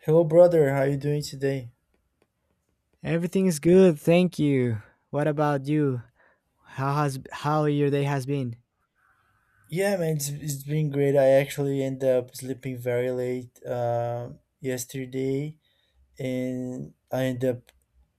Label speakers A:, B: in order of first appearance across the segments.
A: Hello, brother. How you doing today?
B: Everything is good, thank you. What about you? How your day has been?
A: Yeah, man, it's been great. I actually ended up sleeping very late yesterday, and I ended up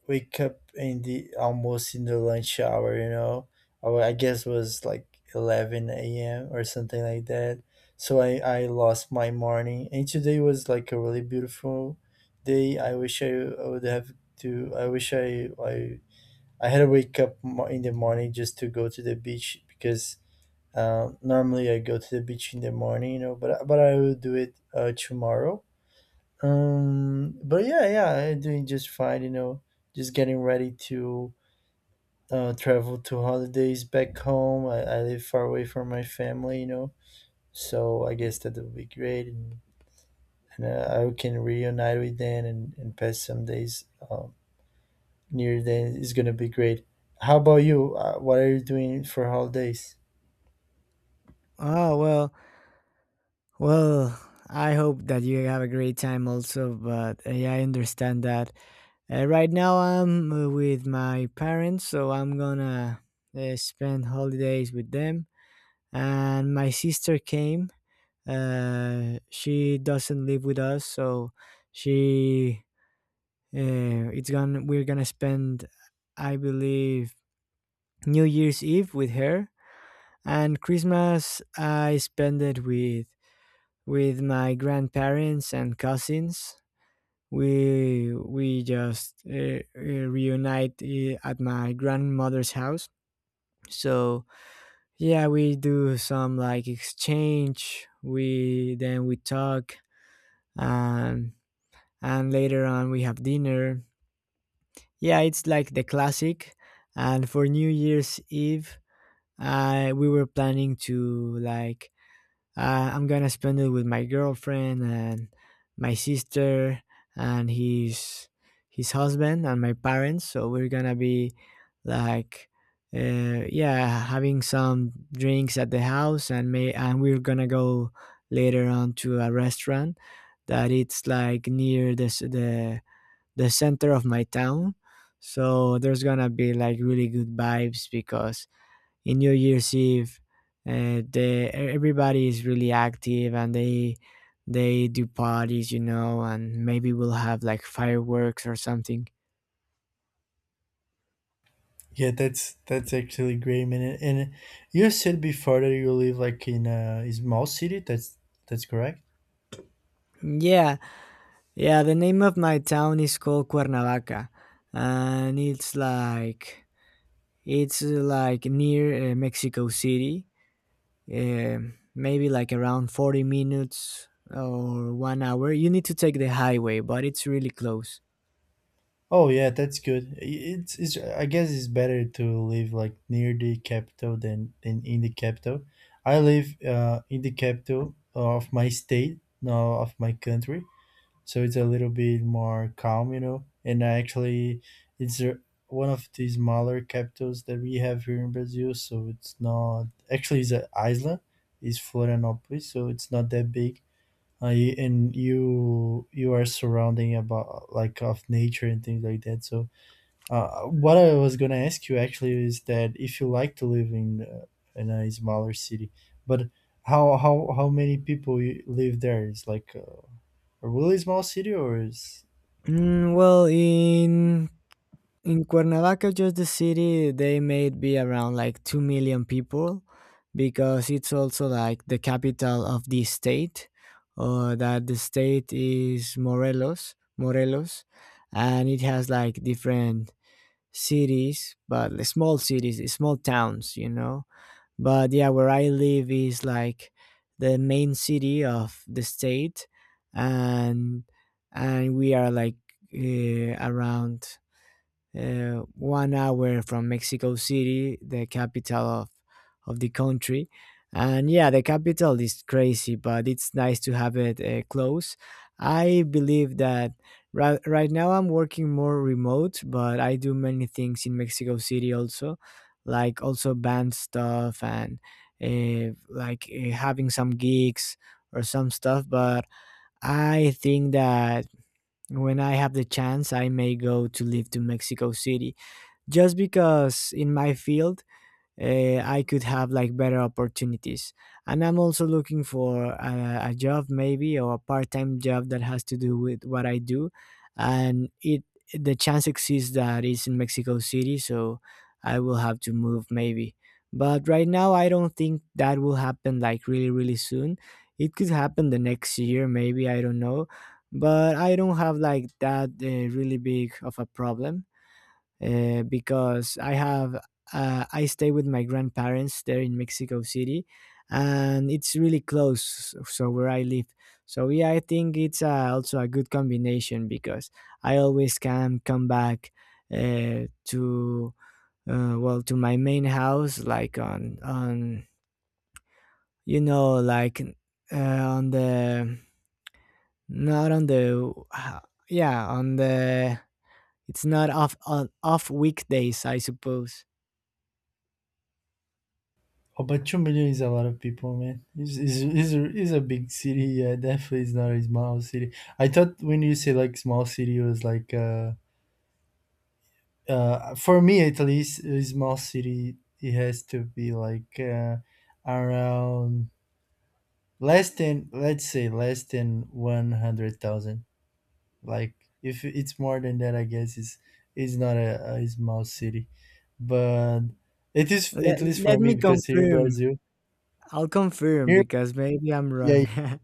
A: wake up in the almost in the lunch hour. I guess it was like 11 a.m. or something like that. So I lost my morning, and today was like a really beautiful day. I wish I would have to. I wish I had to wake up in the morning just to go to the beach because normally, I go to the beach in the morning, but I will do it tomorrow. But yeah, I'm doing just fine, just getting ready to travel to holidays back home. I live far away from my family, so I guess that would be great, and I can reunite with them and and pass some days um, near them. It's gonna be great. How about you? What are you doing for holidays?
B: Oh, well, well. I hope that you have a great time also, but yeah, I understand that. Right now, I'm with my parents, so I'm gonna spend holidays with them. And my sister came. She doesn't live with us, so she it's gonna we're gonna spend, I believe, New Year's Eve with her, and Christmas I spent it with my grandparents and cousins. We just reunite at my grandmother's house. So, yeah, we do some like exchange. We then we talk, and and later on we have dinner. Yeah, it's like the classic. And for New Year's Eve, I we were planning to like I'm gonna spend it with my girlfriend and my sister and his husband and my parents. So we're gonna be like, yeah, having some drinks at the house, and we're gonna go later on to a restaurant that it's like near the c- the center of my town. So there's gonna be like really good vibes because in New Year's Eve, everybody is really active and they do parties, and maybe we'll have like fireworks or something.
A: Yeah, that's actually great, man. And you said before that you live like in a small city. That's correct.
B: Yeah, yeah. The name of my town is called Cuernavaca, and it's like near Mexico City. Maybe like around 40 minutes or 1 hour. You need to take the highway, but it's really close.
A: Oh yeah, that's good. It's, I guess it's better to live like near the capital than in the capital. I live in the capital of my state, no, of my country, so it's a little bit more calm, you know. And actually, it's a- one of the smaller capitals that we have here in Brazil, so it's not actually it's an island, it's Florianópolis, so it's not that big. And you are surrounding about like of nature and things like that. So what I was gonna ask you actually is that if you like to live in a smaller city, but how many people you live there? Is like a really small city or is
B: Well, in Cuernavaca, just the city, they may be around like 2 million people because it's also like the capital of the state, or that the state is Morelos, Morelos, and it has like different cities, but the small cities, the small towns. But yeah, where I live is like the main city of the state, and and we are like around 1 hour from Mexico City, the capital of the country. And yeah, the capital is crazy, but it's nice to have it close. I believe that right now I'm working more remote, but I do many things in Mexico City also, like also band stuff and like having some gigs or some stuff. But I think that when I have the chance, I may go to live to Mexico City just because in my field I could have like better opportunities. And I'm also looking for a job maybe, or a part-time job that has to do with what I do. And it the chance exists that it's in Mexico City, so I will have to move maybe. But right now I don't think that will happen like really, really soon. It could happen the next year maybe, I don't know. But I don't have like that really big of a problem, because I stay with my grandparents there in Mexico City, and it's really close. So where I live, so yeah, I think it's also a good combination because I always can come back, to, well, to my main house, like on, like, uh, on the, not on the, yeah, on the, it's not off on off weekdays, I suppose.
A: Oh, but 2 million is a lot of people, man. Is a It's a big city. Yeah, definitely it's not a small city. I thought when you say like small city, it was like for me at least, a small city it has to be like around less than 100,000. Like if it's more than that, I guess it's not a small city, but it is
B: Let,
A: at least for
B: let
A: me
B: me
A: because here in
B: confirm.
A: Brazil,
B: I'll confirm
A: here
B: because maybe I'm
A: yeah.
B: wrong.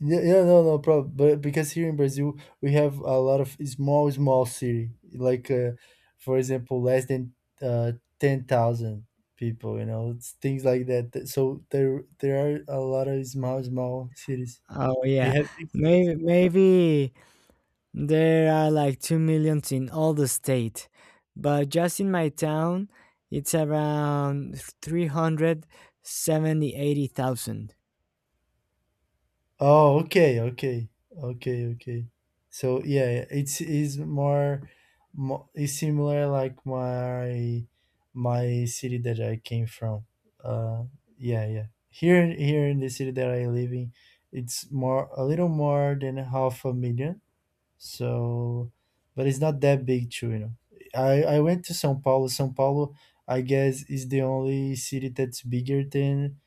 A: Yeah, yeah, no, no problem. But because here in Brazil we have a lot of small, small city, like for example, less than uh, 10,000 people. You know, it's things like that. So there are a lot of small, small cities.
B: Oh
A: We
B: yeah,
A: have big cities.
B: maybe there are like 2 million in all the state, but just in my town, it's around three hundred seventy eighty thousand.
A: Oh, okay, okay, okay, okay. So yeah, it's is more, more is similar like my city that I came from. Uh, yeah, yeah. Here in the city that I live in, it's more a little more than half a million. So, but it's not that big too, you know. I went to São Paulo. São Paulo, I guess, is the only city that's bigger than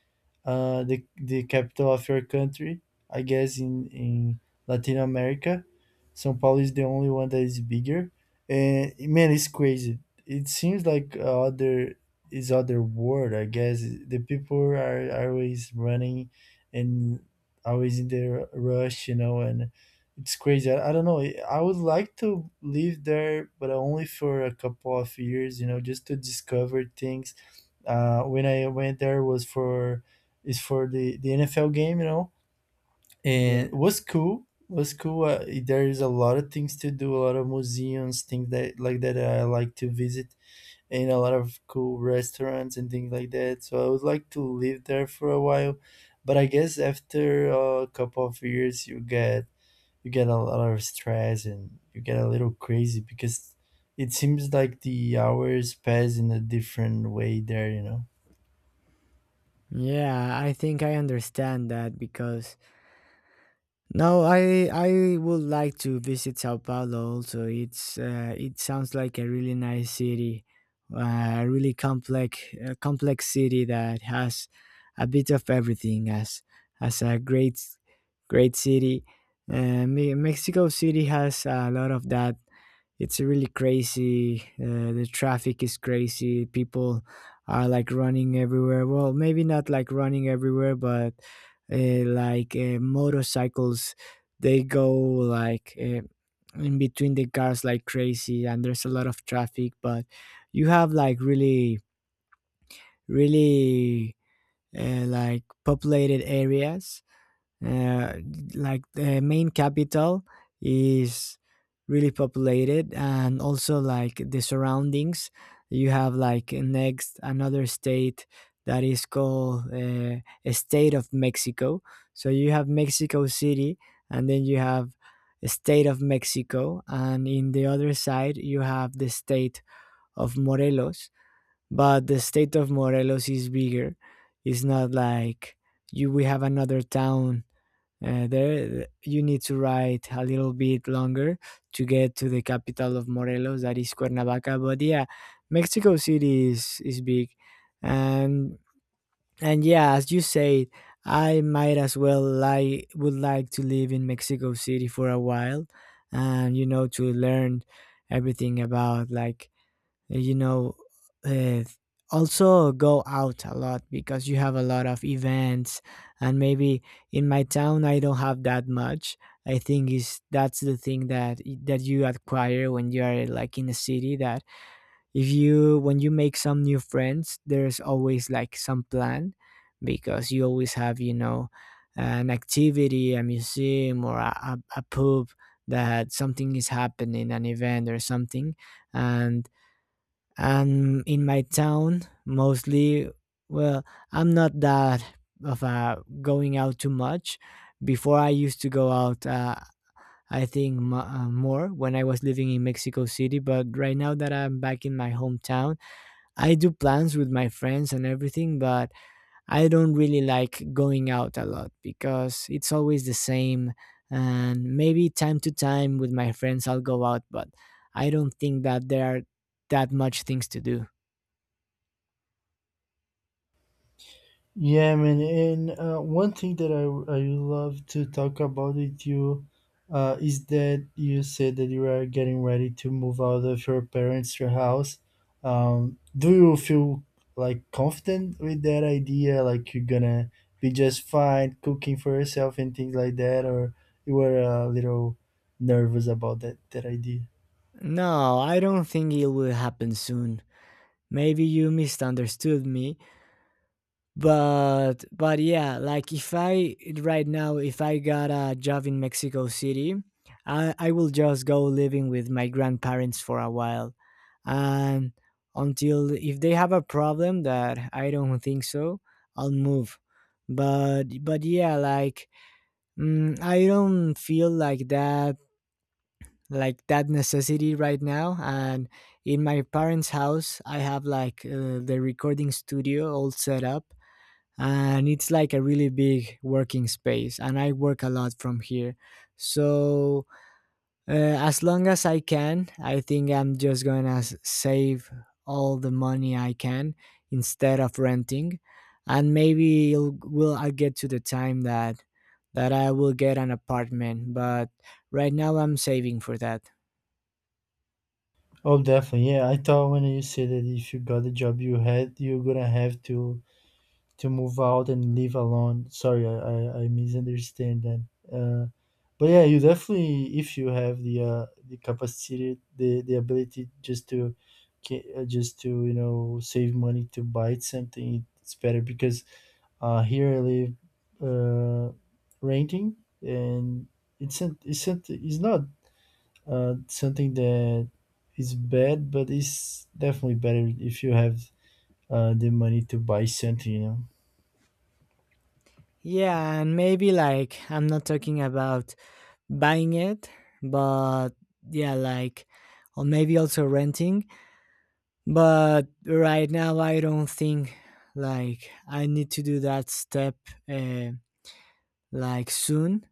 A: the capital of your country. I guess in Latin America, São Paulo is the only one that is bigger. And man, it's crazy. It seems like other world. I guess the people are always running and always in the rush, you know, and it's crazy. I don't know. I would like to live there, but only for a couple of years, you know, just to discover things when I went there was for is for the NFL game, you know, and
B: Yeah,
A: it was cool. It was cool. There is a lot of things to do, a lot of museums, things that like that I like to visit, and a lot of cool restaurants and things like that. So I would like to live there for a while, but I guess after a couple of years, you get a lot of stress and you get a little crazy because it seems like the hours pass in a different way there. You know.
B: yeah. I think I understand that. Because no, I would like to visit Sao Paulo also. It sounds like a really nice city, a complex city that has a bit of everything as a great city. Mexico City has a lot of that. It's really crazy. The traffic is crazy. People are like running everywhere. Well, maybe not like running everywhere, but like motorcycles, they go like in between the cars like crazy, and there's a lot of traffic. But you have like really, really like populated areas, uh, like the main capital is really populated, and also like the surroundings. You have like next another state that is called a state of Mexico. So you have Mexico City, and then you have a state of Mexico, and in the other side you have the state of Morelos. But the state of Morelos is bigger. It's not like you we have another town there. You need to ride a little bit longer to get to the capital of Morelos, that is Cuernavaca. But yeah, Mexico City is big, and and yeah, as you say, I might as well like would like to live in Mexico City for a while, and to learn everything about like, eh, you know uh, also go out a lot because you have a lot of events. And maybe in my town I don't have that much. I think is that's the thing, that you acquire when you are like in a city, that if you when you make some new friends, there's always like some plan, because you always have, an activity, a museum, or a pub, that something is happening, an event or something. And and in my town, mostly, well, I'm not that of going out too much. Before, I used to go out, I think more when I was living in Mexico City, but right now that I'm back in my hometown, I do plans with my friends and everything, but I don't really like going out a lot because it's always the same. And maybe time to time with my friends I'll go out, but I don't think that there are that much things to do.
A: Yeah, man. And one thing that I love to talk about with you is that you said that you are getting ready to move out of your house. Do you feel like confident with that idea? Like you're gonna be just fine cooking for yourself and things like that, or you were a little nervous about that idea?
B: No, I don't think it will happen soon. Maybe you misunderstood me, but yeah, like, if I right now if I got a job in Mexico City, I will just go living with my grandparents for a while. And until if they have a problem that I don't think so, I'll move. But yeah, like, I don't feel like that necessity right now. And in my parents house I have like, the recording studio all set up, and it's like a really big working space, and I work a lot from here. So, as long as I can, I think I'm just gonna save all the money I can instead of renting. And maybe will I get to the time that I will get an apartment, but right now I'm saving for that.
A: Oh, definitely. Yeah, I thought when you said that if you got the job you had, you're gonna have to move out and live alone. Sorry, I misunderstand that. Uh, but yeah, you definitely, if you have the capacity, the ability just to you know save money to buy something, it's better because here I live uh, renting, and it's not something that is bad, but it's definitely better if you have the money to buy something, you know.
B: Yeah, and maybe like I'm not talking about buying it, but yeah, like, or maybe also renting. But right now, I don't think like I need to do that step, uh, like, soon,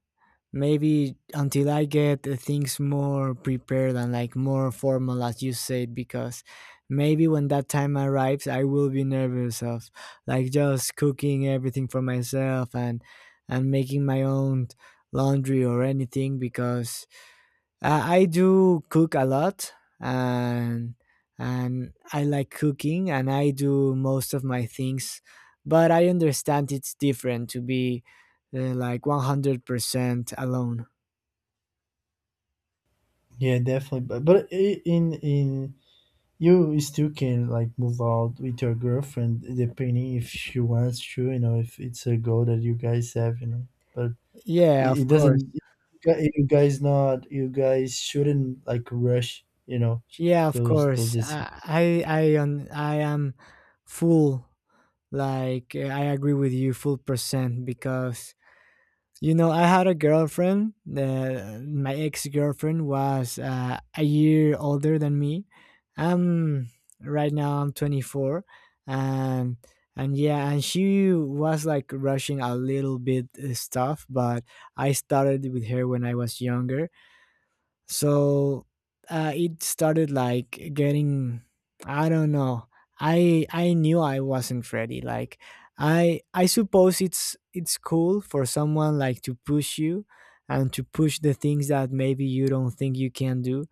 B: maybe until I get things more prepared and like more formal, as you said. Because maybe when that time arrives, I will be nervous of like just cooking everything for myself, and making my own laundry or anything, because I do cook a lot, and and I like cooking and I do most of my things, but I understand it's different to be, like, 100% alone.
A: Yeah, definitely. But in you still can like move out with your girlfriend depending if she wants to, you know, if it's a goal that you guys have, you know. But
B: Yeah, of
A: it
B: course.
A: doesn't. You guys not. You guys shouldn't like rush, you know,
B: Yeah, of
A: those
B: course.
A: decisions.
B: I am full, like, I agree with you full percent because you know I had a girlfriend. My ex girlfriend was a year older than me. Um, right now I'm 24, and and yeah, and she was like rushing a little bit stuff. But I started with her when I was younger, so it started like getting, I don't know, I knew I wasn't ready. Like, I suppose it's cool for someone like to push you and to push the things that maybe you don't think you can do,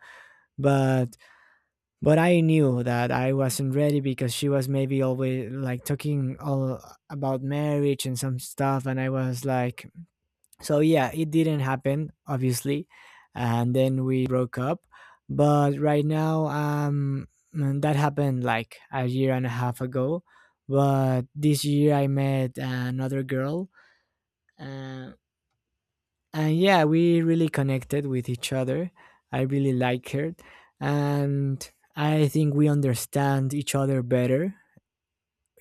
B: but I knew that I wasn't ready because she was maybe always like talking all about marriage and some stuff, and I was like, so yeah, it didn't happen, obviously. And then we broke up. But right now, that happened like a year and a half ago. But this year I met another girl, uh, and yeah, we really connected with each other. I really like her, and I think we understand each other better.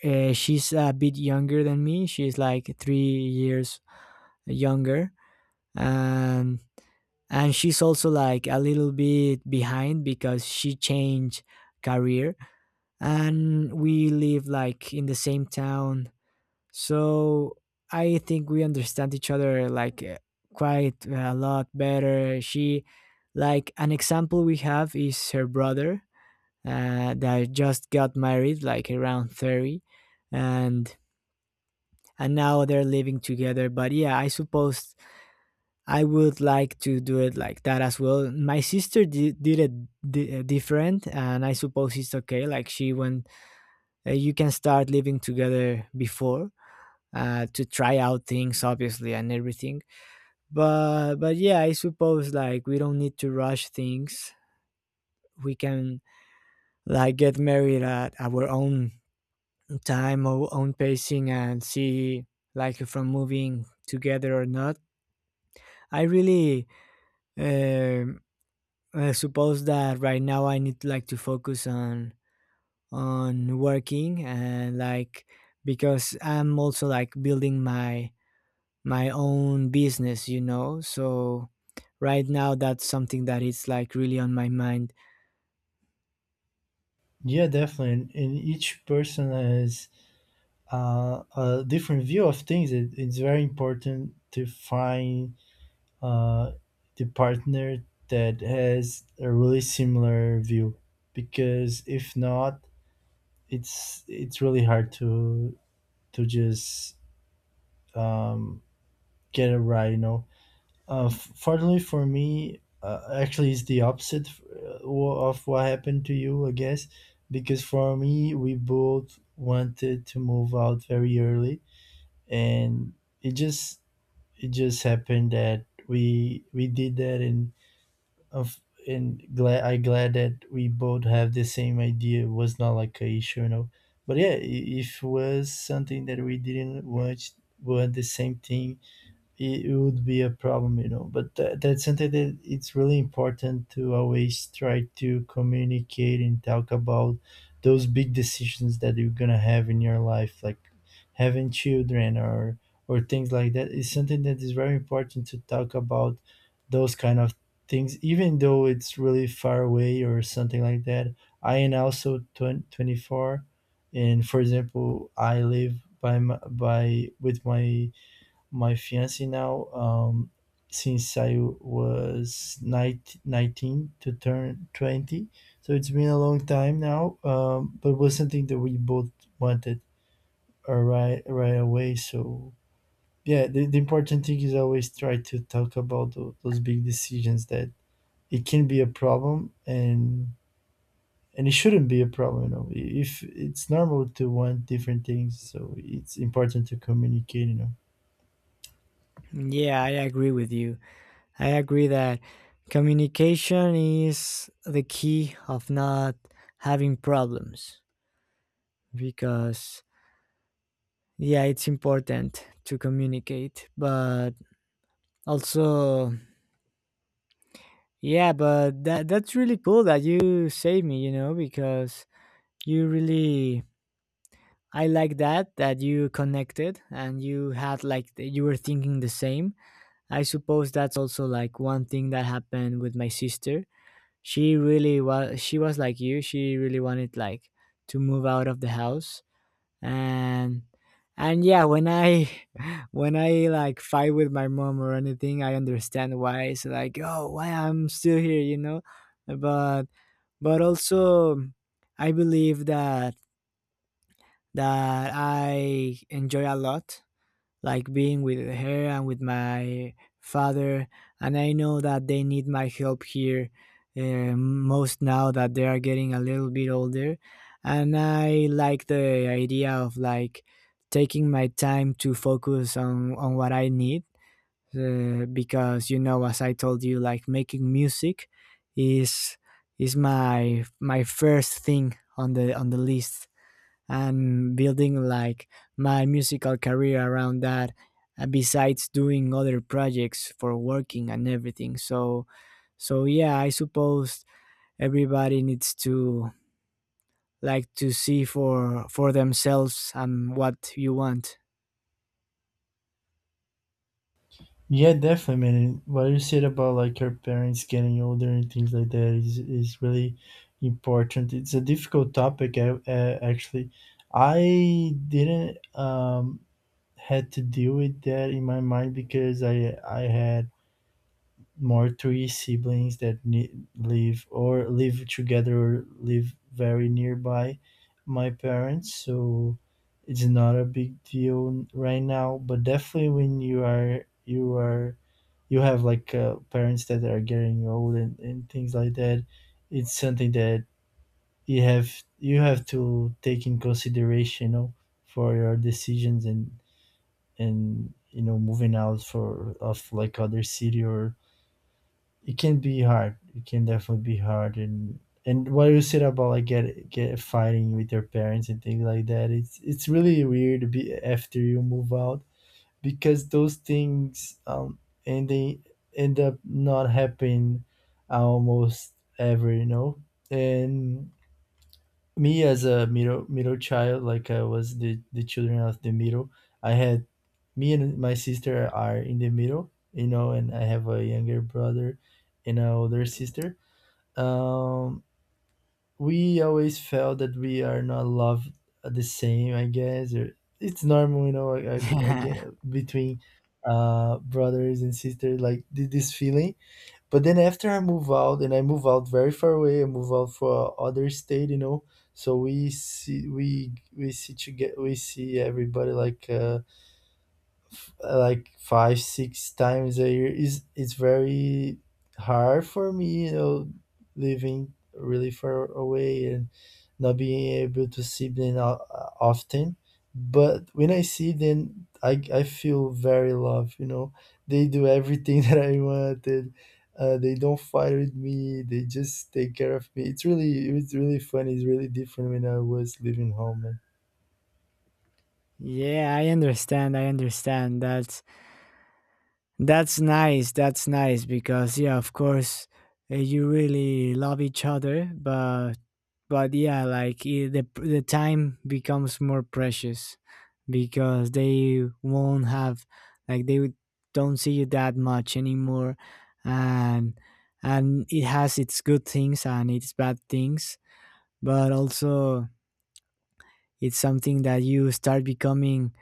B: Uh, she's a bit younger than me, she's like 3 years younger. And and she's also like a little bit behind because she changed career, and we live like in the same town. So I think we understand each other like quite a lot better. She, like an example we have is her brother, that just got married like around 30. And and now they're living together. But yeah, I suppose I would like to do it like that as well. My sister did it different, and I suppose it's okay. Like, she went, you can start living together before, to try out things, obviously, and everything. But yeah, I suppose like we don't need to rush things. We can like get married at our own time, our own pacing, and see like if from moving together or not. I really, um I suppose that right now I need like to focus on working, and like because I'm also like building my own business, you know. So right now that's something that is like really on my mind.
A: Yeah, definitely. And each person has a different view of things. It's very important to find uh, the partner that has a really similar view because if not it's really hard to just um, get a ride, you know. Fortunately for me, actually it's the opposite of what happened to you, I guess, because for me we both wanted to move out very early, and it just it just happened that we did that, of and glad I glad that we both have the same idea. It was not like a issue, you know. But yeah, if was something that we didn't want the same thing, it would be a problem, you know. But that's something that it's really important to always try to communicate and talk about those big decisions that you're gonna have in your life, like having children or things like that. It's something that is very important to talk about those kind of things, even though it's really far away or something like that. I am also 24, and for example, I live by with my fiance now, since I was nineteen to turn 20. So it's been a long time now, but it was something that we both wanted right away. So, yeah, the important thing is always try to talk about those big decisions that it can be a problem, and it shouldn't be a problem, you know. If it's normal to want different things, so it's important to communicate, you know.
B: Yeah, I agree with you. I agree that communication is the key of not having problems because yeah, it's important to communicate, but also, yeah, but that's really cool that you saved me, you know, because you really, I like that you connected and you had like you were thinking the same. I suppose that's also like one thing that happened with my sister. She really was, she was like you. She really wanted like to move out of the house. And and yeah, when I when I like fight with my mom or anything, I understand why it's like, oh, why I'm still here, you know? But also, I believe that I enjoy a lot, like being with her and with my father, and I know that they need my help here, most now that they are getting a little bit older. And I like the idea of like taking my time to focus on what I need, because you know, as I told you, like making music is my first thing on the list. And building like my musical career around that, besides doing other projects for working and everything. So yeah, I suppose everybody needs to like to see for themselves and what you want.
A: Yeah, definitely, man. And what you said about like your parents getting older and things like that is really important. It's a difficult topic, actually. I didn't had to deal with that in my mind because I had more three siblings that live or live together or live very nearby my parents, so it's not a big deal right now. But definitely when you are you have like parents that are getting old and things like that, it's something that you have to take in consideration, you know, for your decisions and you know moving out for of like other city, or it can be hard. It can definitely be hard. And what you said about like get fighting with your parents and things like that, it's really weird to be after you move out because those things, and they end up not happening almost ever, you know. And me as a middle child, like I was the children of the middle. I had Me and my sister are in the middle, you know, and I have a younger brother and an older sister. Um, we always felt that we are not loved the same, I guess. Or it's normal, you know, again between brothers and sisters, like this feeling. But then after I move out, and I move out very far away, I move out for other state, you know. So we see to get we see everybody like like 5 6 times a year. Is It's very hard for me, you know, living really far away and not being able to see them often. But when I see them, I feel very loved, you know. They do everything that I wanted. They don't fight with me, they just take care of me. It's really fun. It's really different when I was living home, man.
B: Yeah, I understand that. That's nice. That's nice because yeah, of course, you really love each other, but yeah, like the time becomes more precious because they won't have, like they don't see you that much anymore. And and it has its good things and its bad things, but also it's something that you start becoming,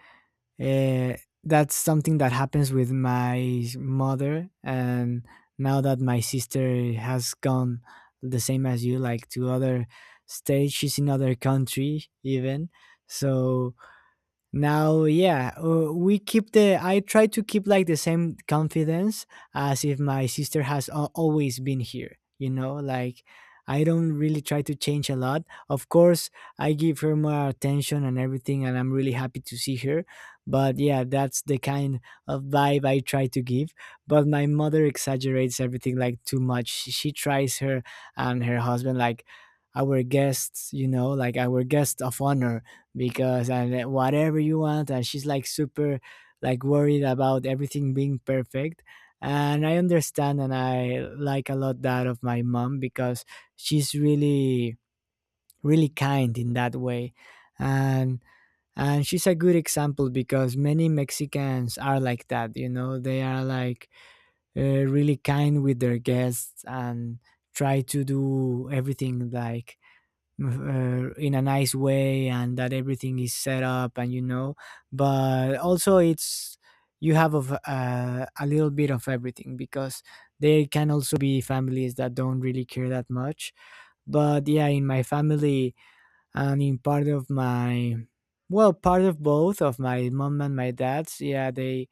B: uh, that's something that happens with my mother. And now that my sister has gone the same as you, like to other states, she's in other country even. So now, yeah, we keep the, I try to keep like the same confidence as if my sister has al always been here. You know, like I don't really try to change a lot. Of course, I give her more attention and everything, and I'm really happy to see her. But yeah, that's the kind of vibe I try to give. But my mother exaggerates everything like too much. She tries her and her husband like our guests, you know, like our guest of honor, because and whatever you want. And she's like super like worried about everything being perfect. And I understand and I like a lot that of my mom because she's really kind in that way. And and she's a good example because many Mexicans are like that, you know, they are like, uh, really kind with their guests and try to do everything like, in a nice way, and that everything is set up, and you know. But also it's, you have of a little bit of everything because there can also be families that don't really care that much. But yeah, in my family and in part of my, well, part of both of my mom and my dad's, yeah, they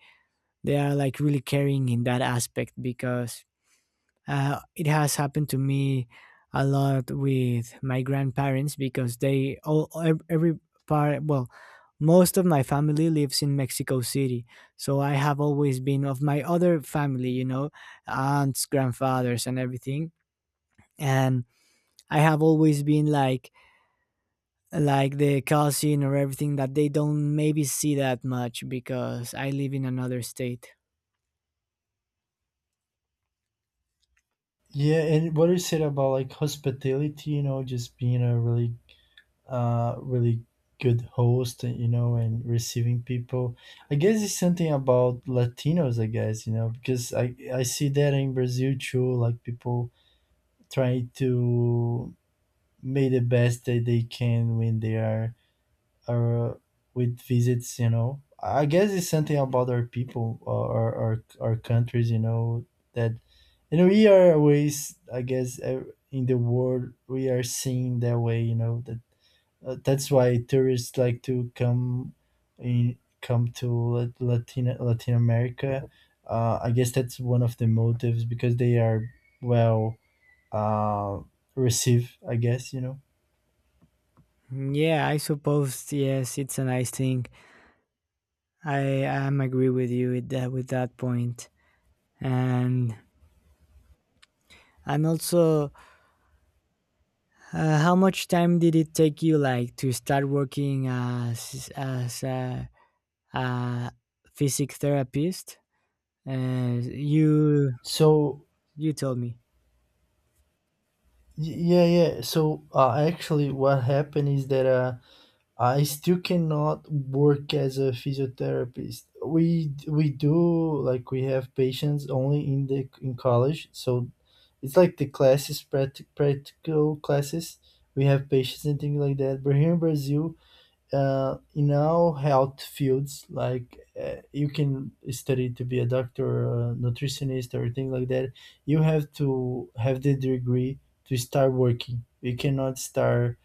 B: are like really caring in that aspect because, it has happened to me a lot with my grandparents, because they all every part, well, most of my family lives in Mexico City, so I have always been of my other family, you know, aunts, grandfathers and everything. And I have always been like the cousin or everything that they don't maybe see that much because I live in another state.
A: Yeah, and what you said about like hospitality, you know, just being a really, really good host, you know, and receiving people. I guess it's something about Latinos, I guess, you know, because I see that in Brazil too, like people trying to make the best that they can when they are or with visits, you know. I guess it's something about our people or our countries, you know. That you know, we are always, I guess, in the world we are seen that way, you know. That that's why tourists like to come to latin america. I guess that's one of the motives because they are, well, uh, received, I guess, you know.
B: Yeah, I suppose yes, it's a nice thing. I am agree with you with that, with that point. And also, how much time did it take you like to start working as a physic therapist? You
A: So
B: told me.
A: Yeah, yeah. So actually, what happened is that I still cannot work as a physiotherapist. We do like we have patients only in the in college, so it's like the classes practical classes. We have patients and things like that. But here in Brazil, in our health fields, like you can study to be a doctor, a nutritionist, or thing like that, you have to have the degree to start working. You cannot start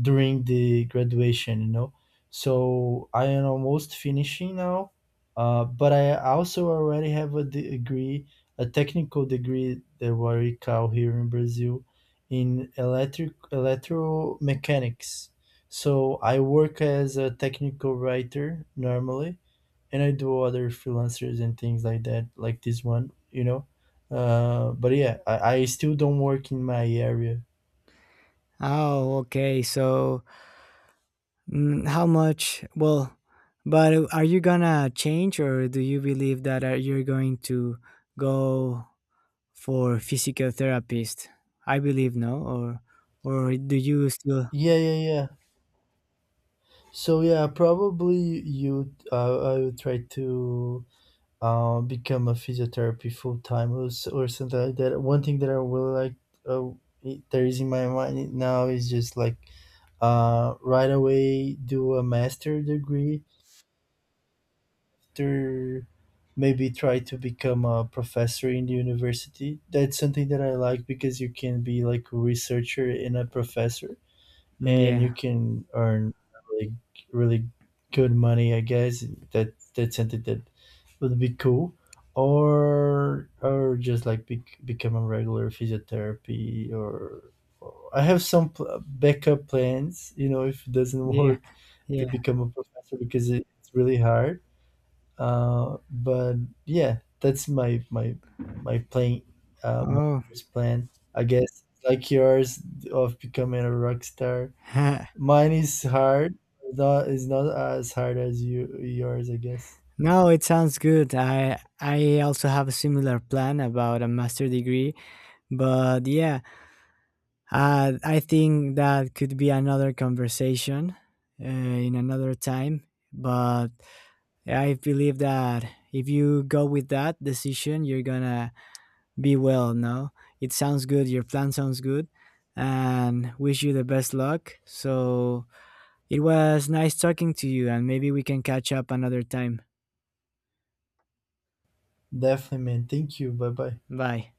A: during the graduation, you know. So I am almost finishing now, but I also already have a degree, a technical degree that we call here in Brazil in electric electromechanics. So I work as a technical writer normally, and I do other freelancers and things like that, like this one, you know. But yeah, I still don't work in my area.
B: Oh, okay. So how much? Well, but are you gonna change, or do you believe that you're going to go for physical therapist? I believe no, or do you still?
A: Yeah. So yeah, probably you I would try to become a physiotherapy full time, or or something like that. One thing that I really like, uh, there is in my mind now is just like right away do a master degree. After maybe try to become a professor in the university. That's something that I like because you can be like a researcher and a professor, and you
B: Yeah,
A: can earn like really good money, I guess. That's something that would be cool. Or just like be become a regular physiotherapy, or I have some backup plans, you know, if it doesn't
B: yeah,
A: work to
B: yeah.
A: become a professor because it's really hard. But yeah, that's my playing, my
B: Oh,
A: first plan. I guess like yours of becoming a rock star. Mine is hard. Not is not as hard as yours, I guess.
B: no, it sounds good. I also have a similar plan about a master degree, but yeah, I think that could be another conversation in another time. But I believe that if you go with that decision, you're gonna be well. No, it sounds good. Your plan sounds good. And wish you the best luck. So it was nice talking to you, and maybe we can catch up another time.
A: Definitely, man. Thank you. Bye bye.
B: Bye.